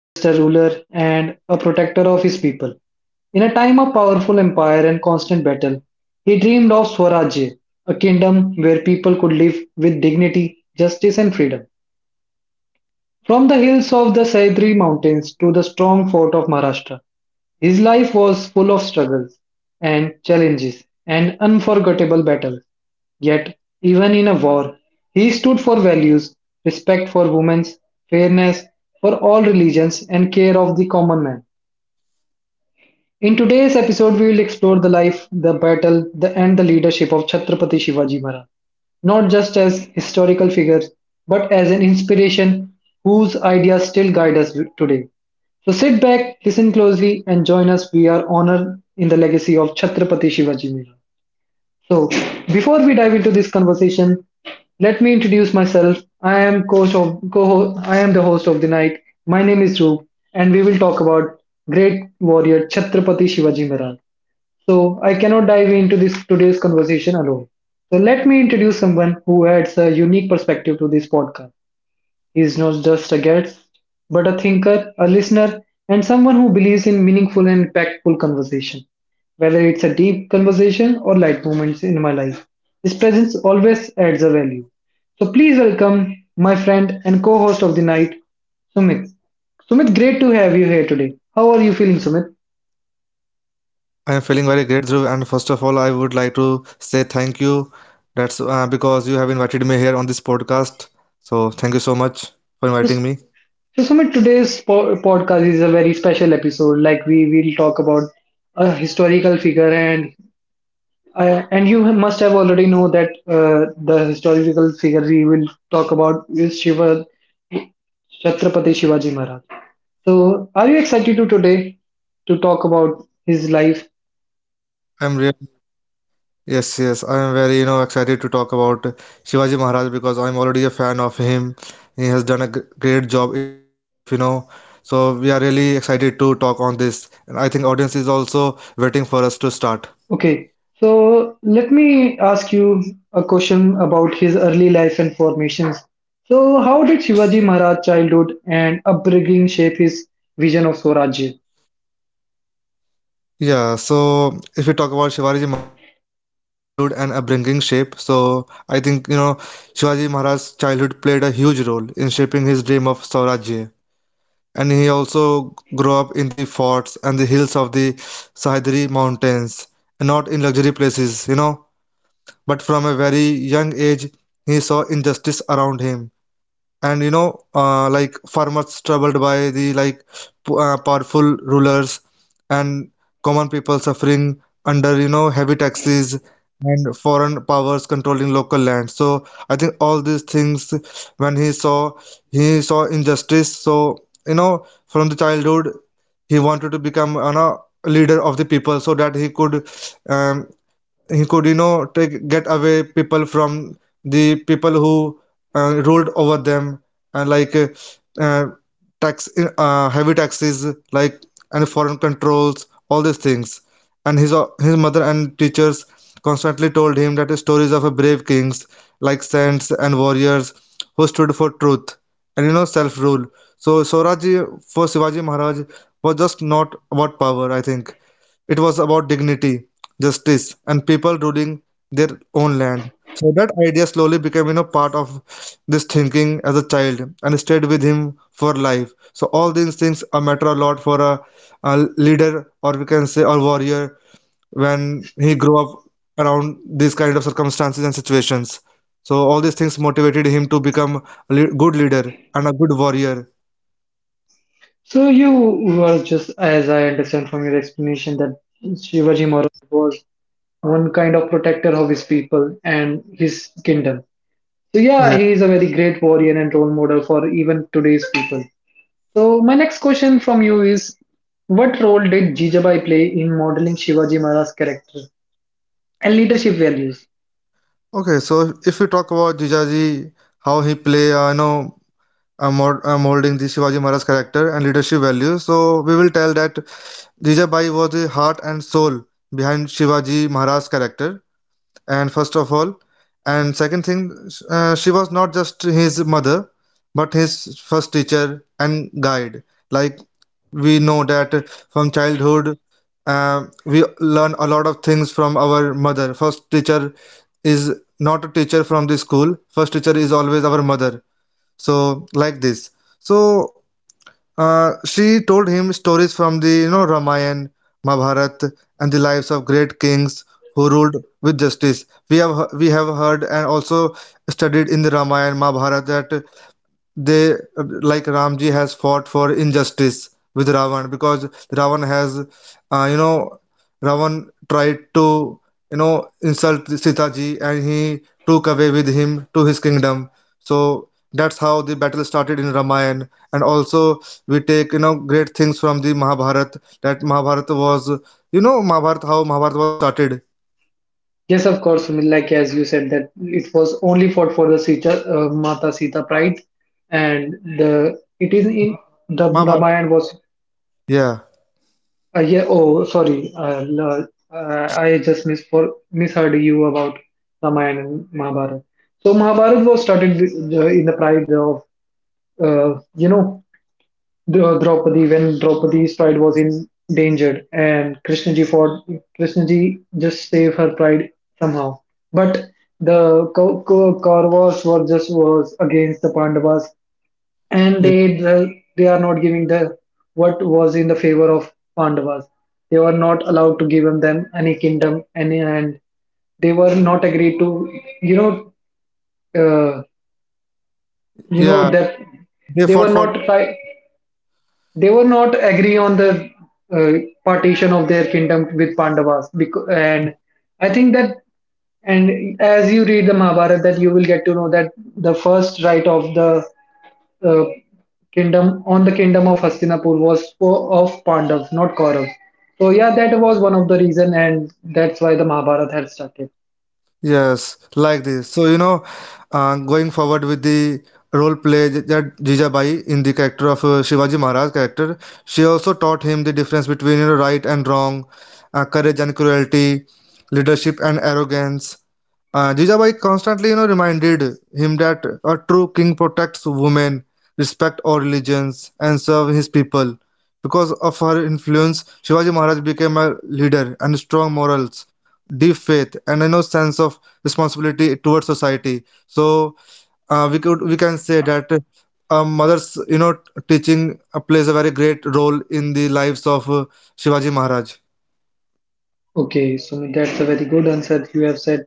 just a ruler, and a protector of his people. In a time of powerful empire and constant battle, he dreamed of Swarajya, a kingdom where people could live with dignity, justice, and freedom. From the hills of the Sahyadri Mountains to the strong fort of Maharashtra, his life was full of struggles and challenges and unforgettable battles. Yet, even in a war, he stood for values, respect for women, fairness for all religions, and care of the common man. In today's episode, we will explore the life, the battle, and the leadership of Chhatrapati Shivaji Maharaj, not just as historical figures, but as an inspiration whose ideas still guide us today. So sit back, listen closely, and join us. We are honored in the legacy of Chhatrapati Shivaji Maharaj. So, Before we dive into this conversation, let me introduce myself. I am the host of the night. My name is Dhruv, and we will talk about great warrior Chhatrapati Shivaji Maharaj. So, I cannot dive into this today's conversation alone. So, let me introduce someone who adds a unique perspective to this podcast. He is not just a guest, but a thinker, a listener, and someone who believes in meaningful and impactful conversation. Whether it's a deep conversation or light moments in my life, his presence always adds a value. So please welcome my friend and co-host of the night, Sumit. Sumit, great to have you here today. How are you feeling, Sumit? I am feeling very great, Dhruv, and first of all, I would like to say thank you. That's Because you have invited me here on this podcast. So thank you so much for So, inviting me. so Sumit, today's podcast is a very special episode. Like we will talk about a historical figure and you must have already know that the historical figure we will talk about is Shiva Chhatrapati Shivaji Maharaj. So, are you excited to today to talk about his Yes, life? I'm real. Yes, I am very, you know, excited to talk about Shivaji Maharaj because I'm already a fan of him. He has done a great job in his life, you know. So we are really excited to talk on this, and I think audience is also waiting for us to start. Okay, so let me ask you a question about his early life and formations. So, how did Shivaji Maharaj childhood and upbringing shape his vision of Swarajya? Yeah, so if we talk about Shivaji Maharaj's childhood and upbringing shape, so I think you know Shivaji Maharaj's childhood played a huge role in shaping his dream of Saurajya. And he also grew up in the forts and the hills of the Sahyadri mountains, and not in luxury places, you know. But from a very young age, he saw injustice around him and you know like farmers troubled by the like powerful rulers and common people suffering under you know heavy taxes and foreign powers controlling local land, so I think all these things when he saw injustice. So you know from the childhood, he wanted to become you a leader of the people so that um, he could you know take get away people from the people who ruled over them and like uh, tax heavy taxes like and foreign controls, all these things. And his mother and teachers constantly told him that the stories of a brave kings like saints and warriors who stood for truth and you know self rule. So Swaraj for Shivaji Maharaj was just not about power, I think. It was about dignity, justice, and people ruling their own land. So that idea slowly became, you know, part of this thinking as a child and stayed with him for life. So all these things matter a lot for a leader or we can say a warrior when he grew up around these kind of circumstances and situations. So all these things motivated him to become a good leader and a good warrior. So you were just, as I understand from your explanation, that Shivaji Maharaj was one kind of protector of his people and his kingdom. So yeah, Yeah. he is a very great warrior and role model for even today's people. So my next question from you is, what role did Jijabai play in modeling Shivaji Maharaj's character and leadership values? Okay, so if we talk about Jijaji, how he play, you know, I'm molding the Shivaji Maharaj character and leadership values. So we will tell that Jijabai was the heart and soul behind Shivaji Maharaj's character. And first of all, and second thing, she was not just his mother, but his first teacher and guide. Like we know that from childhood, we learn a lot of things from our mother. First teacher is not a teacher from the school. First teacher is always our mother, so like this. So she told him stories from the you know Ramayana, Mahabharata, and the lives of great kings who ruled with justice. We have we have heard and also studied in the Ramayana, Mahabharata that they like Ramji has fought for injustice with Ravan because Ravan has you know Ravan tried to you know insult Sita ji and he took away with him to his kingdom. So that's how the battle started in Ramayana. And also we take you know great things from the Mahabharata, that Mahabharata was you know Mahabharata, how Mahabharata was started Yes, of course, Sunil, like as you said that it was only fought for the Sita, Mata Sita pride, and the it is in the Mahabharata. Ramayana was yeah yeah, oh, sorry. I just misheard you about Ramayana and Mahabharata. So Mahabharata was started in the pride of, uh, you know, Draupadi when Draupadi's pride was in danger, and Krishnaji fought. Krishnaji just saved her pride somehow. But the Kauravas were just was against the Pandavas and yeah they are not giving the what was in the favor of Pandavas. They were not allowed to give them any kingdom, any, and they were not agreed to. You know, uh, you know yeah. that They they fought were for not try, they were not agree on the uh, partition of their kingdom with Pandavas. Because, and I think that and as you read the Mahabharata, that you will get to know that the first right of the uh, kingdom on the kingdom of Hastinapur was of Pandavas, not Kauravas. So yeah, that was one of the reason, and that's why the Mahabharata had started. yes, like this. So, you know, going forward with the role play that Jijabai in the character of Shivaji Maharaj character, she also taught him the difference between you know right and wrong, courage and cruelty, leadership and arrogance. Jijabai constantly, you know, reminded him that a true king protects women, respect all religions, and serve his people. Because of her influence, Shivaji Maharaj became a leader and strong morals, deep faith, and you know, sense of responsibility towards society. So we could we can say that a mother's, you know, teaching plays a very great role in the lives of Shivaji Maharaj. Okay, so that's a very good answer you have said.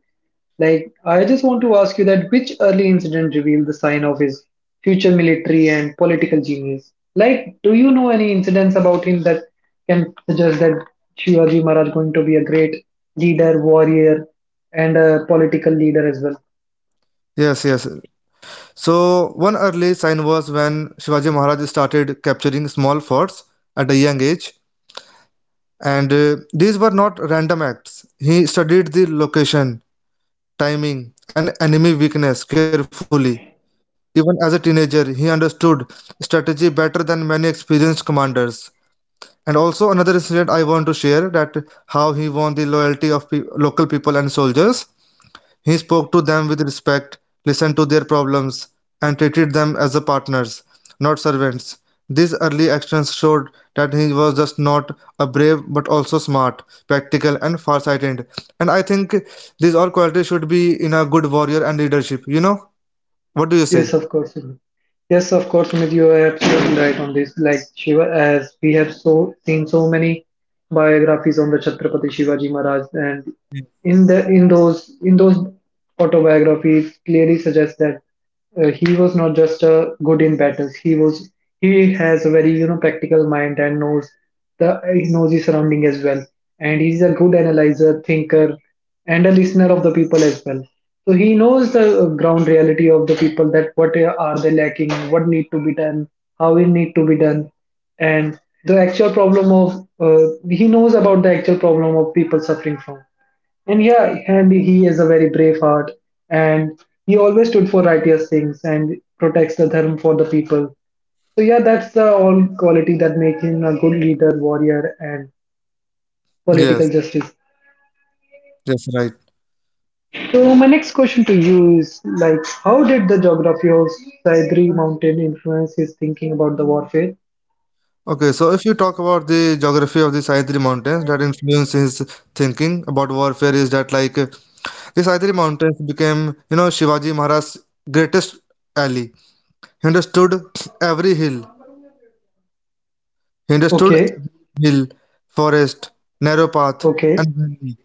Like, I just want to ask you that which early incident revealed the sign of his future military and political genius? Like, do you know any incidents about him that can suggest that Shivaji Maharaj going to be a great leader, warrior, and a political leader as well? Yes, yes. So, one early sign was when Shivaji Maharaj started capturing small forts at a young age, and these were not random acts. He studied the location, timing, and enemy weakness carefully. Even as a teenager, he understood strategy better than many experienced commanders. And also, another incident I want to share that how he won the loyalty of local people and soldiers. He spoke to them with respect, listened to their problems, and treated them as the partners, not servants. These early actions showed that he was just not a brave but also smart, practical, and far-sighted. And I think these all qualities should be in a good warrior and leadership, you know? What do you Yes, say? of course. Sumit. Yes, of course, Sumit, you are absolutely right on this. Like Shiva, as we have so seen so many biographies on the Chhatrapati Shivaji Maharaj, and Mm. in those autobiographies clearly suggest that he was not just good in battles. He has a very you know practical mind and knows the he knows his surrounding as well. And he's a good analyzer, thinker, and a listener of the people as well. So he knows the ground reality of the people that what are they lacking, what need to be done, how it need to be done, and the actual problem of he knows about the actual problem of people suffering from. And yeah, and he is a very brave heart, and he always stood for righteous things and protects the dharma for the people. So yeah, that's the all quality that make him a good leader, warrior, and political Yes, justice. yes, right. So my next question to you is like, how did the geography of Saidri Mountain influence his thinking about the warfare? Okay, so if you talk about the geography of the Sahyadri Mountains that influence his thinking about warfare is that like the Sahyadri Mountains became, you know, Shivaji Maharaj's greatest ally. He understood every hill. He understood Okay, every hill, forest, narrow path, and okay. valley.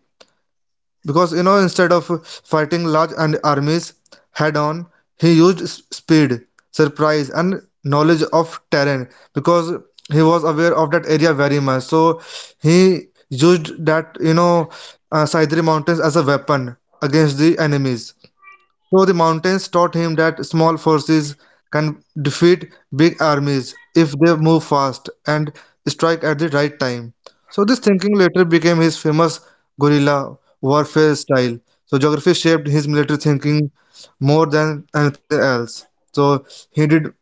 Because, you know, instead of fighting large and armies head on, he used speed, surprise, and knowledge of terrain because he was aware of that area very much. So he used that, you know, Sahyadri Mountains as a weapon against the enemies. So the mountains taught him that small forces can defeat big armies if they move fast and strike at the right time. So this thinking later became his famous guerrilla warfare style. So geography shaped his military thinking more than anything else. So he did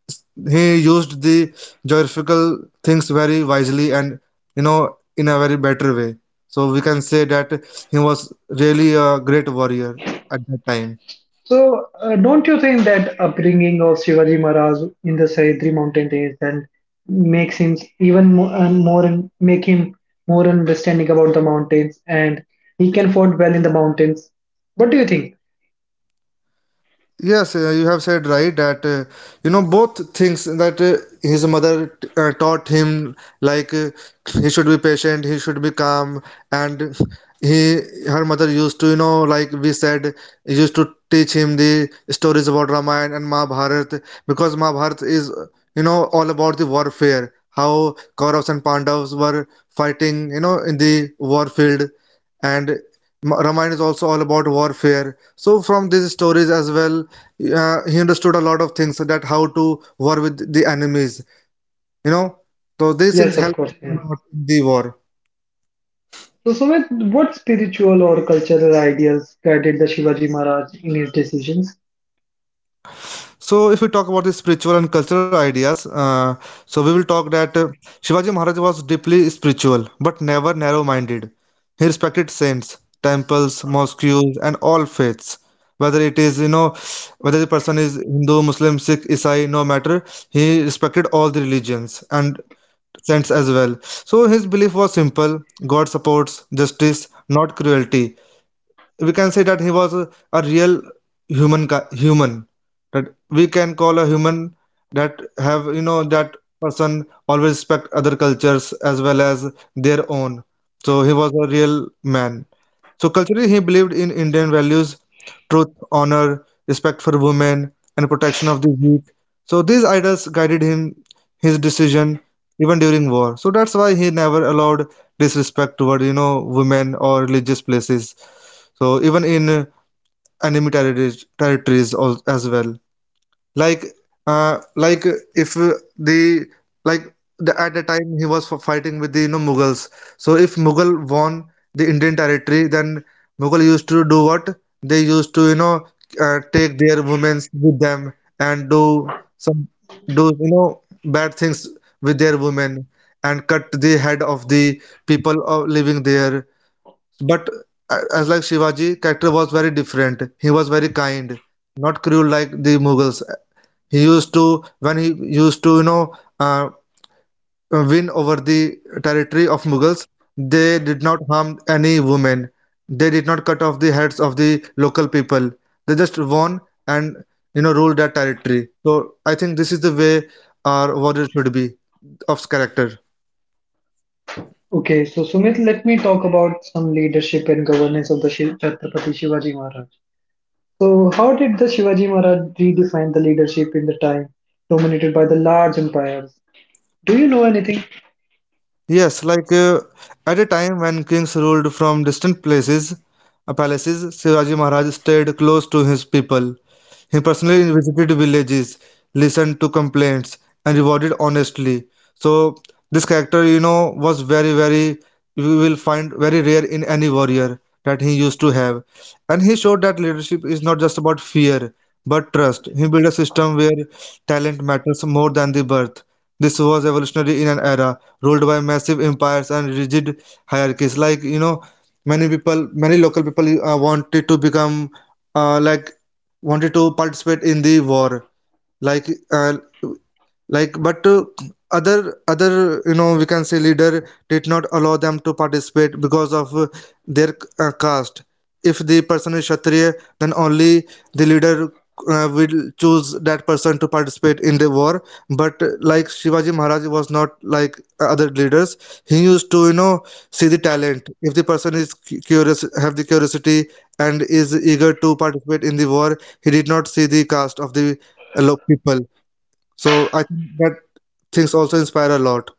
he used the geographical things very wisely and you know in a very better way. So we can say that he was really a great warrior at that time. So, don't you think that upbringing of Shivaji Maharaj in the Sahyadri mountain range then makes him even more, more and make him more understanding about the mountains and he can fought well in the mountains? What do you think? Yes, you have said right that you know both things that his mother taught him like he should be patient, he should be calm, and he her mother used to you know like we said used to teach him the stories about Ramayana and Mahabharata because Mahabharata is you know all about the warfare, how Kauravas and Pandavas were fighting you know in the war field, and Ramayana is also all about warfare. So from these stories as well, he understood a lot of things that how to war with the enemies. You know, so these things Yes, of help course. him a Yeah. lot in the war. So, Sumit, what spiritual or cultural ideas guided the Shivaji Maharaj in his decisions? So, if we talk about the spiritual and cultural ideas, so we will talk that Shivaji Maharaj was deeply spiritual but never narrow minded. He respected saints, temples, mosques, and all faiths. Whether it is, you know, whether the person is Hindu, Muslim, Sikh, Isai, no matter, he respected all the religions and saints as well. So, his belief was simple: God supports justice, not cruelty. We can say that he was a real human human, that we can call a human, that have you know that person always respect other cultures as well as their own. So he was a real man. So culturally he believed in Indian values: truth, honor, respect for women, and protection of the weak. So these ideals guided him his decision even during war. So that's why he never allowed disrespect toward you know women or religious places. So even in enemy territories, as well. Like, like if the like the, at the time he was fighting with the you know Mughals. So if Mughal won the Indian territory, then Mughal used to do what? They used to you know take their women with them and do you know bad things with their women and cut the head of the people of living there. But as like Shivaji, character was very different. He was very kind, not cruel like the Mughals. He used to you know uh, win over the territory of Mughals. They did not harm any woman. They did not cut off the heads of the local people. They just won and you know ruled that territory. So I think this is the way our warriors should be of character. Okay, so Sumit, let me talk about some leadership and governance of the Chhatrapati Shivaji Maharaj. So, how did the Shivaji Maharaj redefine the leadership in the time dominated by the large empires? Do you know anything? Yes, like at a time when kings ruled from distant places, palaces, Shivaji Maharaj stayed close to his people. He personally visited villages, listened to complaints, and rewarded honestly. So this character, you know, was very, very you will find very rare in any warrior that he used to have. And he showed that leadership is not just about fear, but trust. He built a system where talent matters more than the birth. This was evolutionary in an era ruled by massive empires and rigid hierarchies, like many people, many local people wanted to become uh, like wanted to participate in the war, like uh, like but other we can say leader did not allow them to participate because of their caste. If the person is kshatriya, then only the leader will choose that person to participate in the war. But Shivaji Maharaj was not like other leaders. He used to, you know, see the talent. If the person is curious, have the curiosity, and is eager to participate in the war, he did not see the caste of the people. So I think that things also inspire a lot.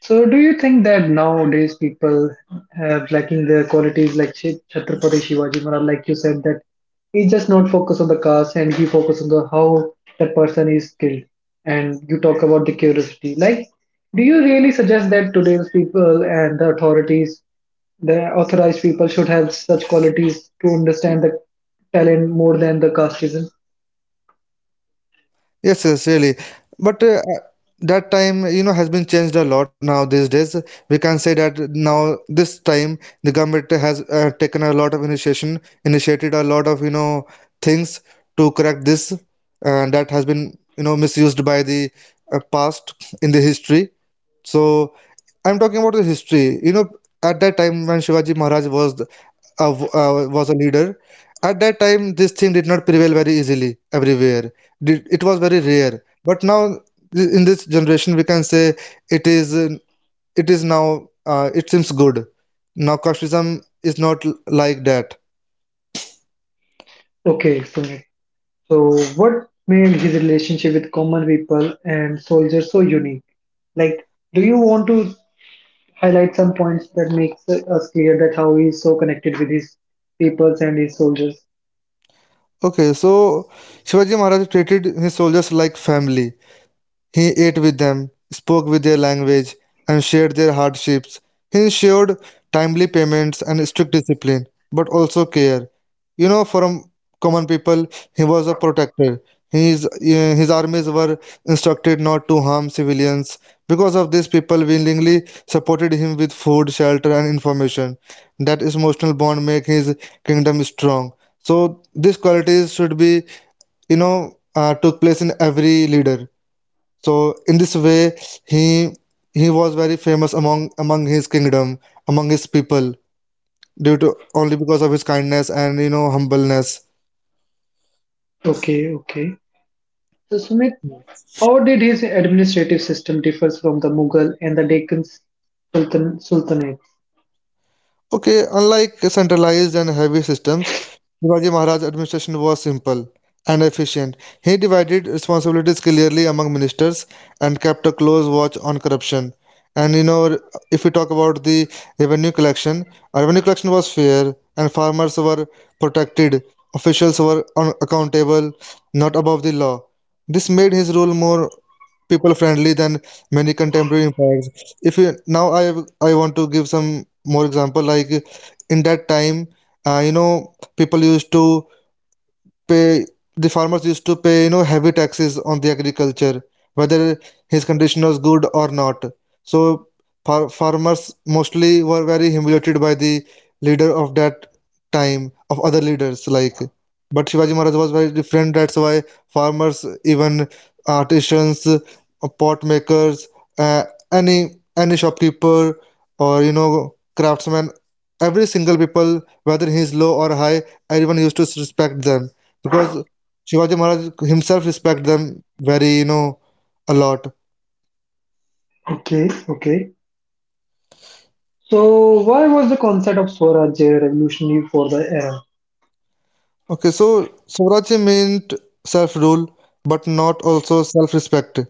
So, do you think that nowadays people have lacking the qualities like Chhatrapati Shivaji Maharaj, like you said, that he just not focus on the caste and he focus on the how the person is killed. And you talk about the curiosity. Like, do you really suggest that today's people and the authorities, the authorized people, should have such qualities to understand the talent more than the casteism? Yes, yes, really. But that time, you know, has been changed a lot now these days. We can say that now this time the government has taken a lot of initiation, initiated a lot of, you know, things to correct this, and that has been, you know, misused by the past in the history. So I'm talking about the history. You know, at that time when Shivaji Maharaj was was a leader. At that time, this thing did not prevail very easily everywhere. It was very rare. But now, in this generation, we can say it is. It is now. It seems good. Now, casteism is not l- like that. Okay, Sumit. So, what made his relationship with common people and soldiers so unique? Like, do you want to highlight some points that makes us clear that how he is so connected with his peoples and his soldiers? Okay, so Shivaji Maharaj treated his soldiers like family. He ate with them, spoke with their language, and shared their hardships. He ensured timely payments and strict discipline, but also care. You know, from common people, he was a protector. His armies were instructed not to harm civilians. Because of this, people willingly supported him with food, shelter, and information. That emotional bond make his kingdom strong. So these qualities should be, you know, took place in every leader. So in this way, he he was very famous among his kingdom, among his people, due to only because of his kindness and, you know, humbleness. Okay, okay. So, Sumit, how did his administrative system differs from the Mughal and the Deccan Sultanate? Okay, unlike centralized and heavy systems, Shivaji Maharaj's administration was simple and efficient. He divided responsibilities clearly among ministers and kept a close watch on corruption. And you know, if we talk about the revenue collection, revenue collection was fair and farmers were protected, officials were accountable, not above the law. This made his rule more people-friendly than many contemporary empires. If you, now I want to give some more example, like in that time, you know, people used to pay, the farmers used to pay, you know, heavy taxes on the agriculture, whether his condition was good or not. So farmers mostly were very humiliated by the leader of that time, of other leaders, but Shivaji Maharaj was very different. That's why farmers, even artisans, pot makers, uh, any any shopkeeper or, you know, craftsman, every single people, whether he is low or high, everyone used to respect them, because Shivaji Maharaj himself respect them very, you know, a lot. Okay, okay. So, why was the concept of Swaraj revolutionary for the era? Okay, so Swaraj meant self-rule, but not also self-respect.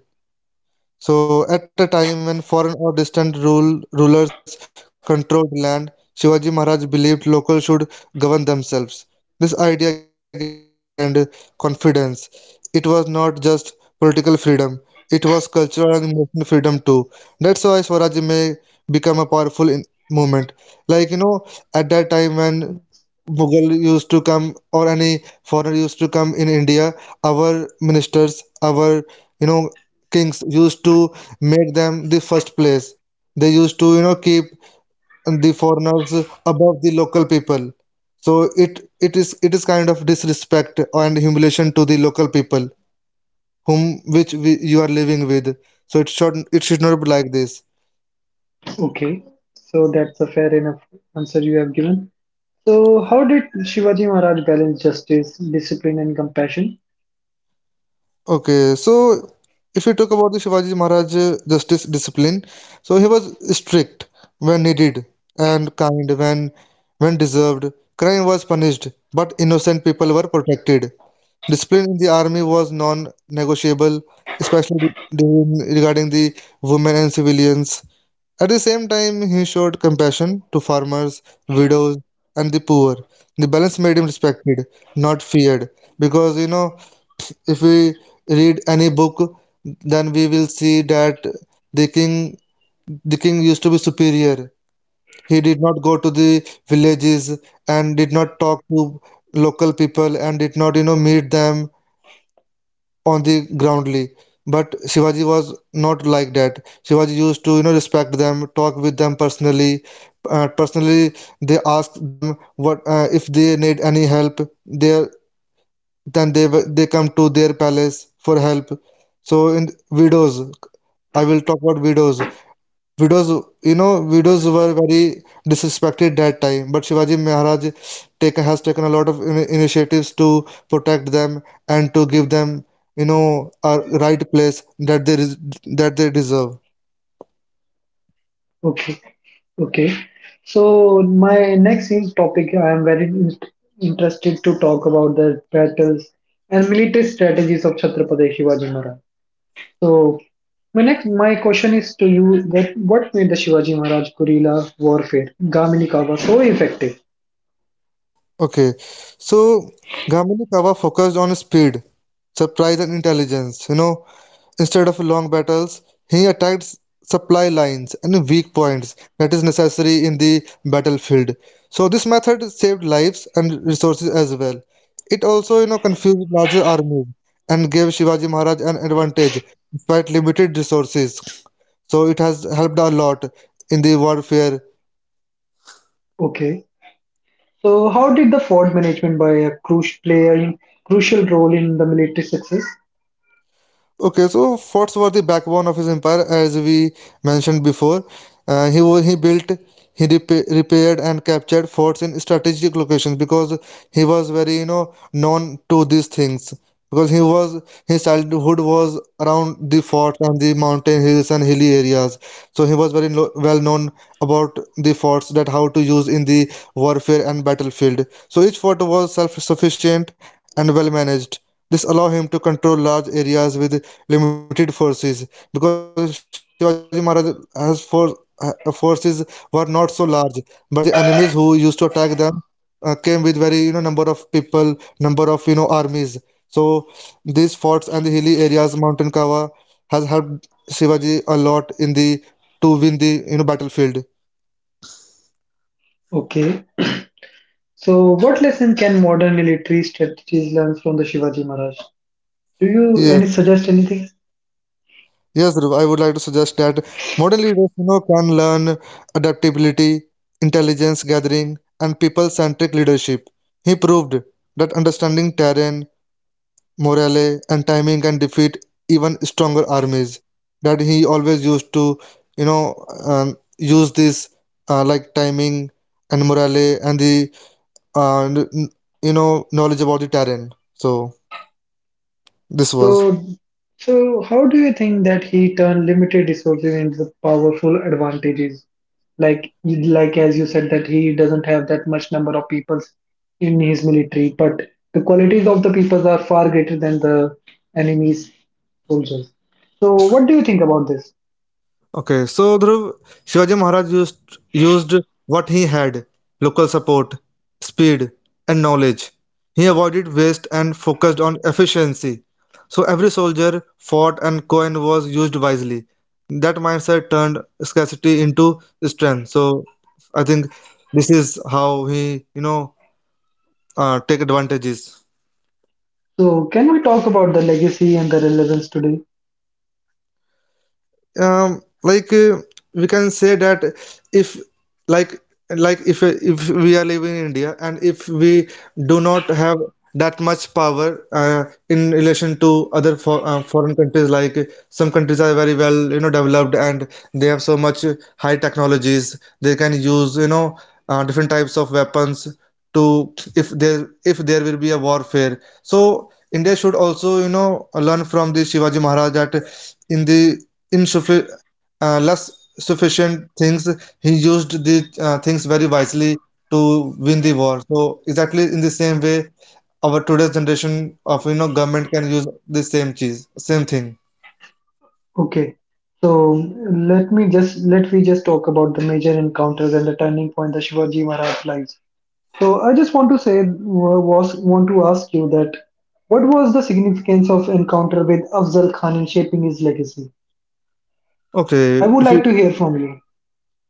So, at a time when foreign or distant rule, rulers controlled land, Shivaji Maharaj believed locals should govern themselves. This idea gave people, you know, hope and confidence. It was not just political freedom; it was cultural and emotional freedom too. That's why Swaraj may become a powerful movement. Like you know, at that time when Mughal used to come or any foreigner used to come in India, our ministers, our, you know, kings used to made them the first place. They used to, you know, keep the foreigners above the local people. So it is kind of disrespect and humiliation to the local people whom which we, you are living with. So it should not be like this. Okay, so that's a fair enough answer you have given. So, how did Shivaji Maharaj balance justice, discipline, and compassion? Okay, so if we talk about the Shivaji Maharaj justice discipline, so he was strict when needed and kind when deserved. Crime was punished, but innocent people were protected. Discipline in the army was non-negotiable, especially regarding the women and civilians. At the same time, he showed compassion to farmers, widows, and the poor. The balance made him respected, not feared, because, you know, if we read any book, then we will see that the king, the king used to be superior. He did not go to the villages and did not talk to local people and did not, you know, meet them on the groundly. But Shivaji was not like that. Shivaji used to, you know, respect them, talk with them personally. Personally, they ask them what if they need any help. They then they they come to their palace for help. So in widows, I will talk about widows, widows widows were very disrespected that time, but Shivaji Maharaj take, has taken a lot of initiatives to protect them and to give them, you know, a right place that they that they deserve. Okay, okay. So, my next topic, I am very interested to talk about the battles and military strategies of Chhatrapati Shivaji Maharaj. So, my question is to you that what made the Shivaji Maharaj guerrilla warfare, Gamini Kawa, so effective? Okay, so Gamini Kawa focused on speed, surprise, and intelligence, you know. Instead of long battles, he attacked supply lines and weak points that is necessary in the battlefield. So this method saved lives and resources as well. It also, you know, confused larger armies and gave Shivaji Maharaj an advantage despite limited resources. So it has helped a lot in the warfare. Okay. So, how did the fort management by a crucial play a crucial role in the military success? Okay, so forts were the backbone of his empire, as we mentioned before. He built, he repaired and captured forts in strategic locations, because he was very, you know, known to these things. Because he was his childhood was around the forts and the mountain hills and hilly areas, so he was very lo well known about the forts that how to use in the warfare and battlefield. So each fort was self-sufficient and well managed. This allowed him to control large areas with limited forces, because Shivaji Maharaj's forces were not so large, but the enemies who used to attack them came with very, you know, number of people, number of, you know, armies. So these forts and the hilly areas, mountain Kava, has helped Shivaji a lot in the to win the, you know, battlefield. Okay. So, what lesson can modern military strategies learn from the Shivaji Maharaj? Do you Yes. any suggest anything? Yes, Dhruv, I would like to suggest that modern leaders, you know, can learn adaptability, intelligence gathering, and people-centric leadership. He proved that understanding terrain, morale, and timing can defeat even stronger armies. That he always used to, you know, use this timing and morale and the uh, n- n- you know knowledge about the terrain. So this was. So, so how do you think that he turned limited resources into powerful advantages? Like as you said that he doesn't have that much number of peoples in his military, but the qualities of the peoples are far greater than the enemy's soldiers. So, what do you think about this? Okay, so Dhruv, Shivaji Maharaj used what he had, local support, speed, and knowledge. He avoided waste and focused on efficiency. So every soldier fought and coin was used wisely. That mindset turned scarcity into strength. So I think this is how he, you know, take advantages. So, can we talk about the legacy and the relevance today? um, like uh, we can say that if, like if we are living in India and if we do not have that much power in relation to other foreign countries, like some countries are very well, you know, developed and they have so much high technologies, they can use, you know, different types of weapons. To if there, if there will be a warfare, so India should also, you know, learn from the Shivaji Maharaj that in the Insuffi less sufficient things, he used the things very wisely to win the war. So exactly in the same way our today's generation of, you know, government can use the same cheese, same thing. Okay, so let me just let we just talk about the major encounters and the turning point that Shivaji Maharaj lives. So I just want to ask you that what was the significance of encounter with Afzal Khan in shaping his legacy? Okay, I would if you. like to hear from you.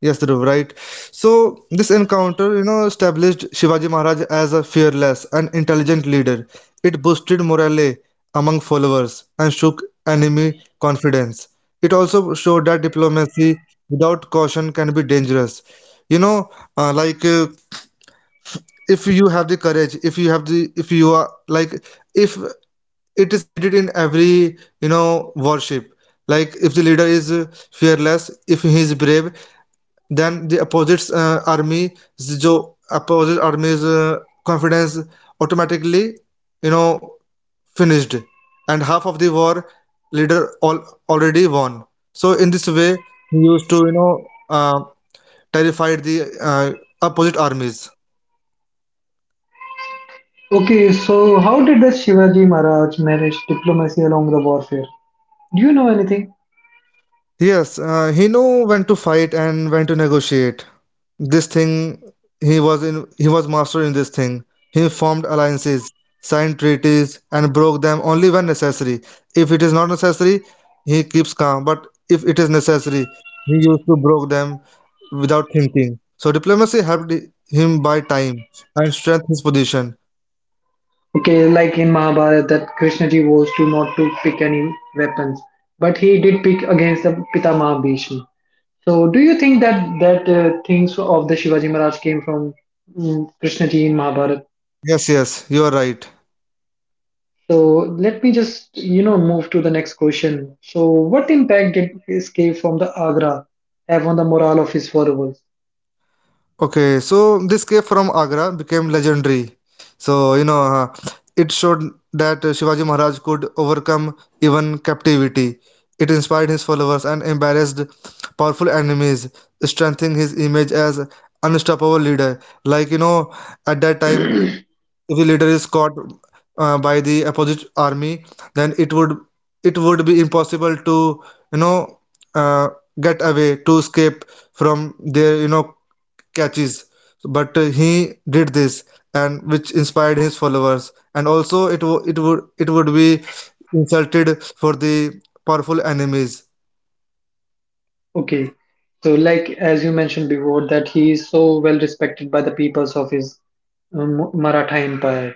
Yes, Dhruv, right. So this encounter, you know, established Shivaji Maharaj as a fearless and intelligent leader. It boosted morale among followers and shook enemy confidence. It also showed that diplomacy without caution can be dangerous. You know, uh, like uh, if you have the courage, if you have the, if you are like, if it is needed in every, you know, worship. Like if the leader is fearless, if he is brave, then the opposite army, जो opposite army's confidence automatically, you know, finished, and half of the war leader all already won. So in this way, he used to, you know, terrified the opposite armies. Okay, so how did the Shivaji Maharaj manage diplomacy along the warfare? Do you know anything? Yes, he knew when to fight and when to negotiate. This thing he was master in this thing. He formed alliances, signed treaties and broke them only when necessary. If it is not necessary, he keeps calm, but if it is necessary, he used to broke them without thinking. So diplomacy helped him buy time and strengthen his position. Okay, like in Mahabharata, that Krishnaji was to not to pick any weapons, but he did pick against the Pitamaha Bhishma. So, do you think that that things of the Shivaji Maharaj came from Krishna ji in Mahabharata? Yes, yes, you are right. So, let me just you know move to the next question. So, what impact did escape from the Agra have on the morale of his followers? Okay, so this cave from Agra became legendary. So, you know, it showed that Shivaji Maharaj could overcome even captivity. It inspired his followers and embarrassed powerful enemies, strengthening his image as unstoppable leader. Like, at that time, if the leader is caught by the opposite army, then it would be impossible to, you know, uh, get away to escape from their, catches, but he did this, and which inspired his followers, and also it would be insulted for the powerful enemies. Okay, so like as you mentioned before, that he is so well respected by the peoples of his Maratha Empire.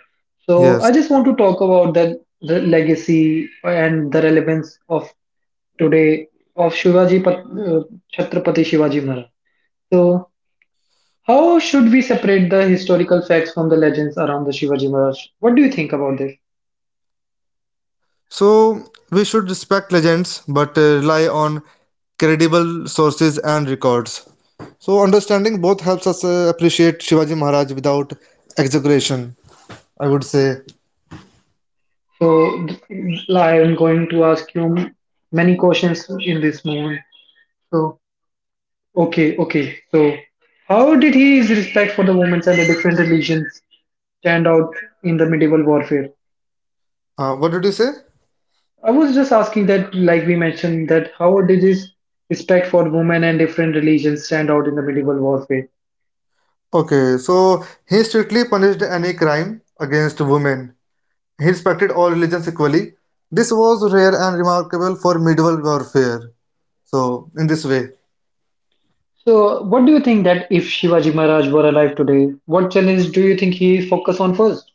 So, Yes, I just want to talk about that the legacy and the relevance of today of Chhatrapati Shivaji Maharaj. So, how should we separate the historical facts from the legends around the Shivaji Maharaj? What do you think about this? so we should respect legends, but rely on credible sources and records. So understanding both helps us appreciate Shivaji Maharaj without exaggeration, I would say. So, I am going to ask you many questions in this moment. So, okay, okay. So, how did his respect for the women and the different religions stand out in the medieval warfare? What did you say? I was just asking that, like we mentioned, that how did his respect for women and different religions stand out in the medieval warfare? Okay, so he strictly punished any crime against women. He respected all religions equally. This was rare and remarkable for medieval warfare. So in this way, So, what do you think that if Shivaji Maharaj were alive today, what challenge do you think he focus on first?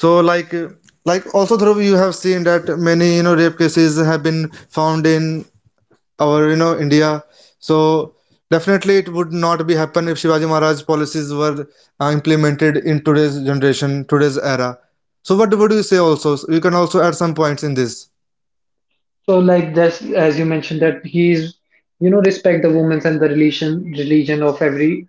so like like also Dhruv, you have seen that many rape cases have been found in our India. So definitely it would not be happen if Shivaji Maharaj policies were implemented in today's generation, today's era. So what would you say also? You can also add some points in this. So, like this, as you mentioned, that he's respect the women's and the religion of every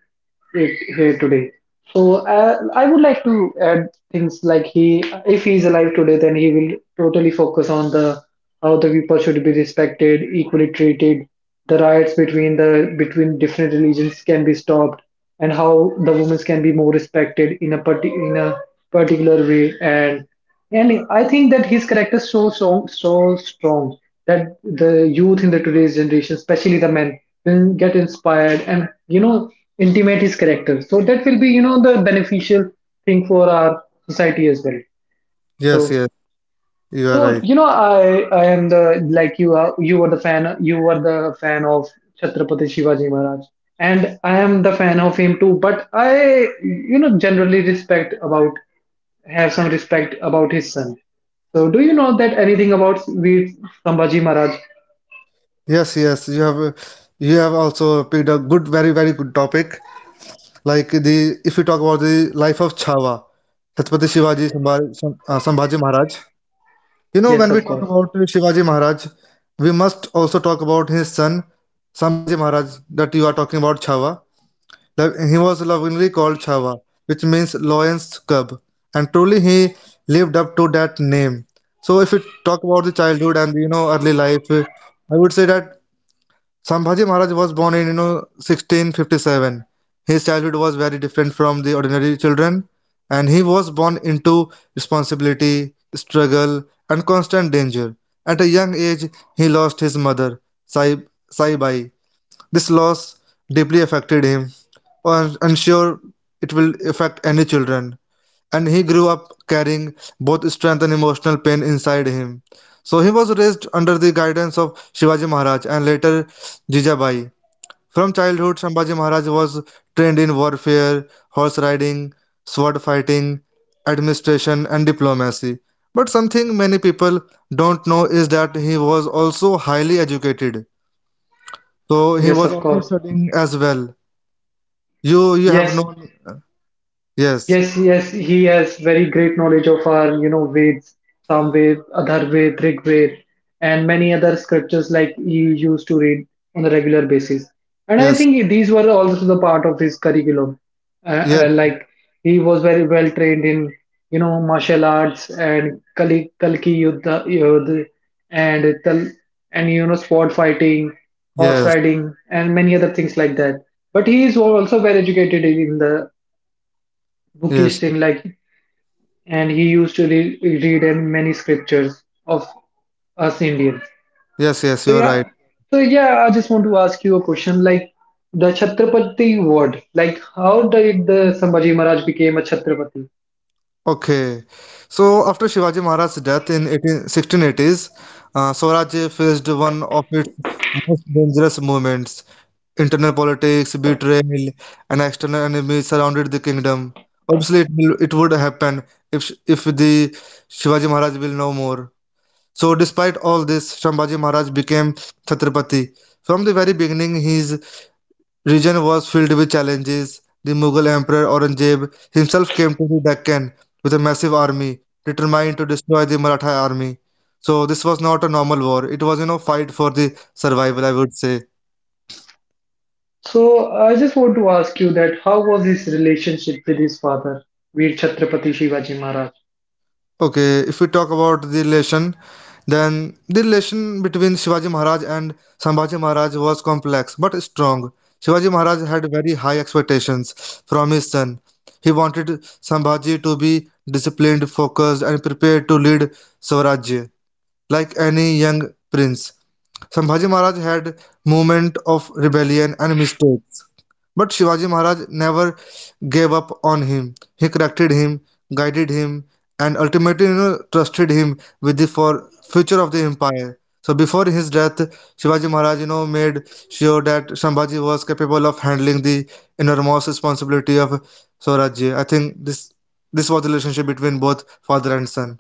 it here today. So, I would like to add things like he, if he's alive today, then he will totally focus on the how the people should be respected, equally treated, the riots between the between different religions can be stopped, and how the women can be more respected in a particular way, and I think that his character is so strong that the youth in the today's generation, especially the men, will get inspired and intimate his character. So that will be the beneficial thing for our society as well. Yes, So yes, you are so, right. you know I am the like you were the fan of Chhatrapati Shivaji Maharaj, and I am the fan of him too. But I, you know, generally respect about have some respect about his son. So, do you know that anything about Veer Sambhaji Maharaj? Yes, yes, you have also picked a good, very, very good topic. Like the if you talk about the life of Chava, Chhatrapati Sambhaji Maharaj. Yes, When we of talk course. about Shivaji Maharaj, we must also talk about his son Sambhaji Maharaj, that you are talking about Chava. He was lovingly called Chava, which means lion's cub, and truly he lived up to that name. So if you talk about the childhood and early life, I would say that Sambhaji Maharaj was born in 1657. His childhood was very different from the ordinary children, and he was born into responsibility, struggle, and constant danger. At a young age, he lost his mother, Sai, Sai Bai. This loss deeply affected him. I'm sure it will affect any children, and he grew up carrying both strength and emotional pain inside him. So he was raised under the guidance of Shivaji Maharaj, and later Jijabai. From childhood, Sambhaji Maharaj was trained in warfare, horse riding, sword fighting, administration, and diplomacy. But something many people don't know is that he was also highly educated. So he Yes, was of also course. studying as well. You have Yes, known. Yes, Yes, yes, he has very great knowledge of our, you know, Veds, Samved, Atharvaved, Rigved, and many other scriptures like he used to read on a regular basis. And I yes, think these were also the part of his curriculum. Yes, Like he was very well trained in, you know, martial arts and Kali, Kalki Yuddha, and Tal, and you know, sword fighting, horse yes, riding, and many other things like that. But he is also well educated in the yes. bookish thing, like, and he used to read in many scriptures of us Indians. Yes, yes, So you're right. yeah, so, I just want to ask you a question, like the Chhatrapati word, like how did the Sambhaji Maharaj became a Chhatrapati? Okay, so after Shivaji Maharaj's death in 1680s, Swaraj faced one of its most dangerous movements. Internal politics, betrayal, and external enemies surrounded the kingdom. Obviously, it would happen if if the Shivaji Maharaj will no more. So, despite all this, Shambhaji Maharaj became Chhatrapati. From the very beginning, his region was filled with challenges. The Mughal Emperor Aurangzeb himself came to the Deccan with a massive army, determined to destroy the Maratha army. So this was not a normal war. It was, fight for the survival, I would say. So I just want to ask you that how was his relationship with his father, Veer Chhatrapati Shivaji Maharaj? Okay, if we talk about the relation, then the relation between Shivaji Maharaj and Sambhaji Maharaj was complex but strong. Shivaji Maharaj had very high expectations from his son. He wanted Sambhaji to be disciplined, focused, and prepared to lead Swarajya like any young prince. Sambhaji Maharaj had moment of rebellion and mistakes, but Shivaji Maharaj never gave up on him. He corrected him, guided him, and ultimately, trusted him with the for future of the empire. So before his death, Shivaji Maharaj, made sure that Shambhaji was capable of handling the enormous responsibility of Swarajya. I think this was the relationship between both father and son.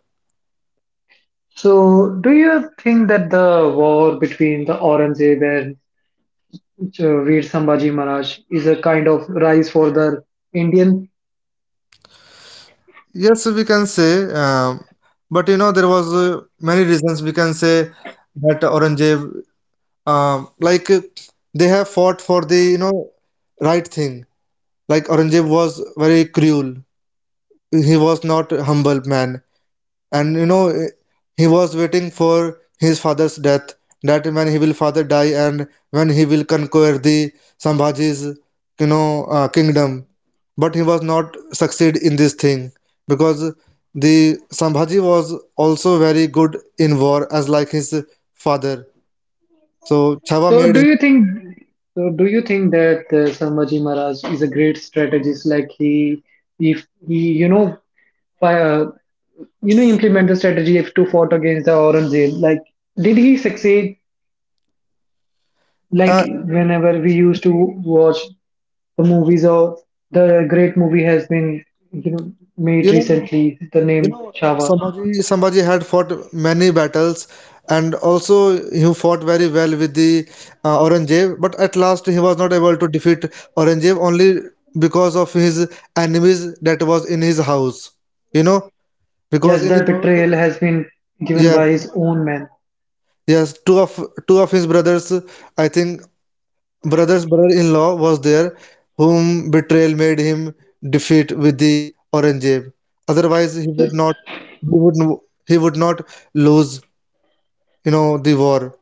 So do you think that the war between the Aurangzeb and Veer Sambhaji Maharaj is a kind of rise for the Indian? Yes, we can say, but there was many reasons, we can say that Aurangzeb, like they have fought for the right thing. Like Aurangzeb was very cruel. He was not a humble man, and he was waiting for his father's death. That when he will father die and when he will conquer the Sambhaji's kingdom. But he was not succeed in this thing because the Sambhaji was also very good in war as like his father. So Chava So made do him. you think so do you think that Sambhaji Maharaj is a great strategist, like he, if he, you know, fi- uh, you know, implement the strategy if to fought against the Aurangzeb, like did he succeed? Like Uh, whenever we used to watch the movies, or the great movie has been, you know, made you know recently, the You name know, Chava, Sambhaji had fought many battles, and also he fought very well with the Aurangzeb, but at last he was not able to defeat Aurangzeb only because of his enemies that was in his house. You know, because just in the his house. betrayal has been given Yes, by his own man, yes, two of his brothers, I think brother's brother-in-law was there, whom betrayal made him defeat with the Aurangzeb. Otherwise, so he would not lose, the war.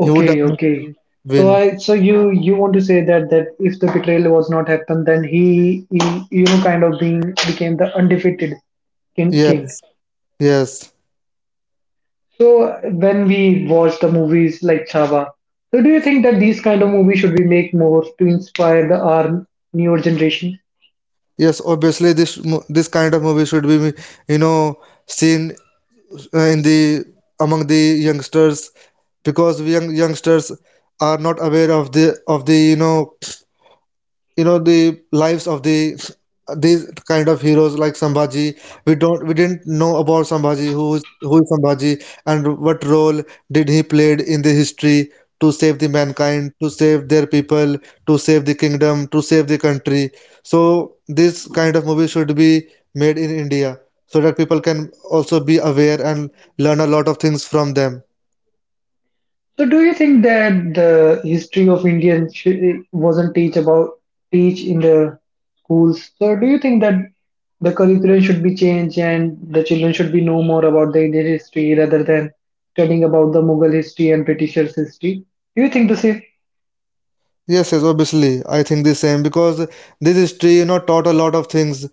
He would okay. definitely So win. I, so you want to say that that if the betrayal was not happened, then he, you know, kind of being became the undefeated king. Yes, yes, So when we watch the movies like Chava, so do you think that these kind of movies should be make more to inspire the our newer generation? yes. Obviously, this kind of movie should be, you know, seen in the among the youngsters, because young youngsters are not aware of the the lives of these kind of heroes like Sambhaji. We didn't know about Sambhaji, who is Sambhaji, and what role did he played in the history, to save the mankind, to save their people, to save the kingdom, to save the country. So this kind of movie should be made in India so that people can also be aware and learn a lot of things from them. So do you think that the history of Indian sh- wasn't teach about teach in the schools? So do you think that the curriculum should be changed and the children should be know more about the Indian history rather than studying about the Mughal history and Britishers history? Do you think this is Yes, yes, obviously. I think the same, because this history, taught a lot of things,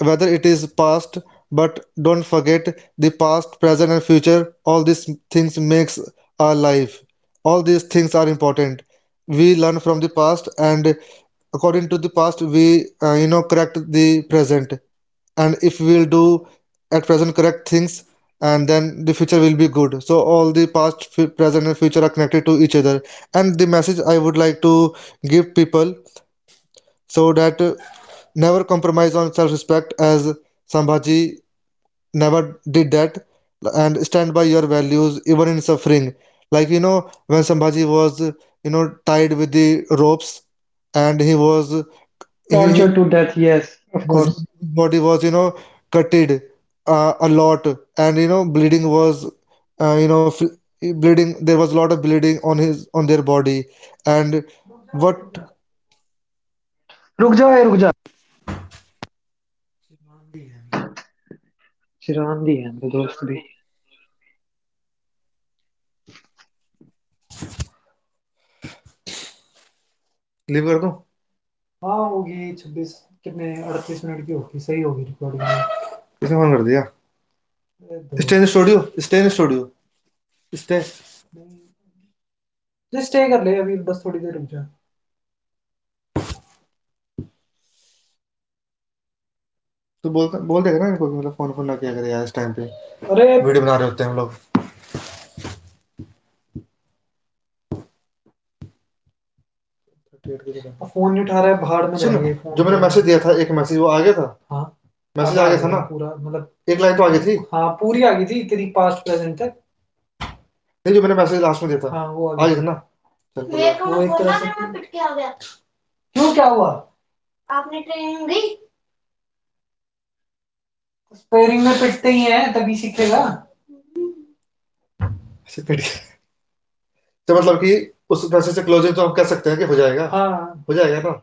whether it is past, but don't forget the past, present, and future. All these things makes our life. All these things are important. We learn from the past, and according to the past, we, correct the present, and if we'll do at present correct things, and then the future will be good. So all the past, present, and future are connected to each other, and the message I would like to give people, so that never compromise on self-respect, as Sambhaji never did that, and stand by your values even in suffering. Like when Sambhaji was tied with the ropes, and he was... he, torture to death? Yes, of Nazir's course. body was, gutted a lot, and bleeding was, uh, you know, fl- bleeding. There was a lot of bleeding on his on their body, and what? Leave कर दूं? किसने phone कर दिया? Stay in studio, stay in studio, stay. तो बोलता, बोल देगा ना इनको कि, मतलब, फोन फोन ना किया करे यार इस टाइम पे। अरे वीडियो बना रहे होते हैं हम लोग 38 के दिन। अब फोन नहीं उठा रहा है, भाड़ में सुनो, जाएंगे। फोन, जो मैंने मैसेज दिया था, एक मैसेज वो आ गया था। मैसेज आ गया था ना पूरा, मतलब? एक लाइन तो आ गई थी। नहीं, जो मैंने मैसेज लास्ट में दिया था, हाँ, वो आ गया था ना? अच्छा, फिर तो मतलब कि उस पैसे से क्लोज है, तो हम कह सकते हैं कि हो जाएगा। हो जाएगा ना?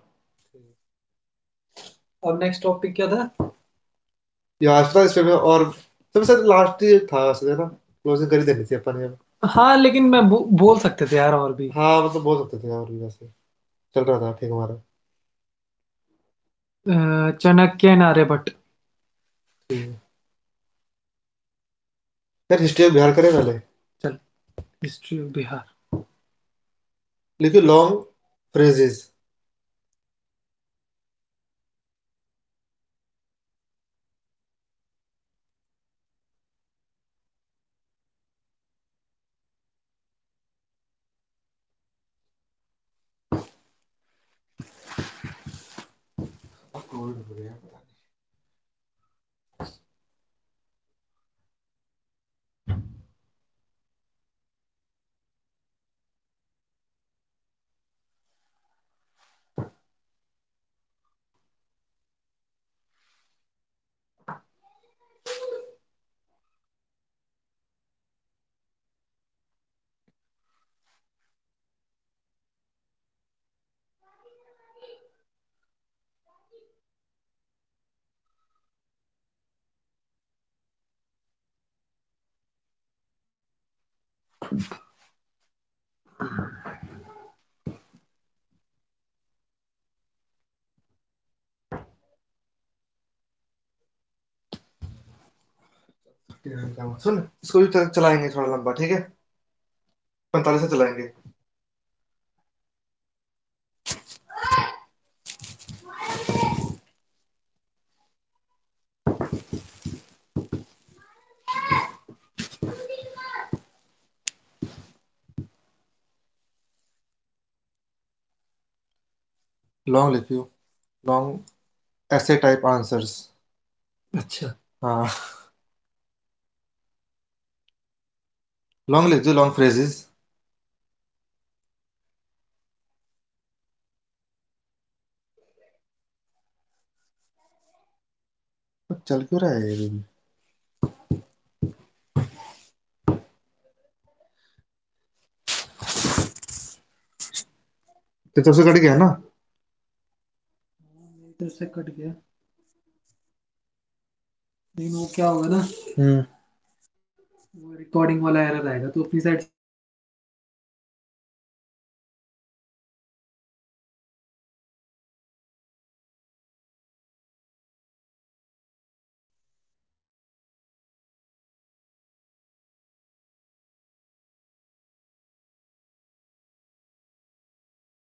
ये आज था इस पे भी, और सबसे सर लास्ट ये था वैसे, है ना? क्लोजिंग कर ही देनी थी अपन ने। हाँ, मतलब बोल सकते थे और भी वैसे। चल रहा था ठीक हमारा। ठीक है। यार, हिस्ट्री ऑफ बिहार करें पहले, लेकिन लॉन्ग फ्रेजेस। सुन, इसको भी चलाएंगे थोड़ा लंबा, ठीक है? पैंतालीस से चलाएंगे। लॉन्ग लिखियो, लॉन्ग, ऐसे टाइप आंसर्स। हाँ, लॉन्ग लिख दो, लॉन्ग फ्रेजेस। पर चल क्यों रहा है ये? ये तो सबसे कट गया ना।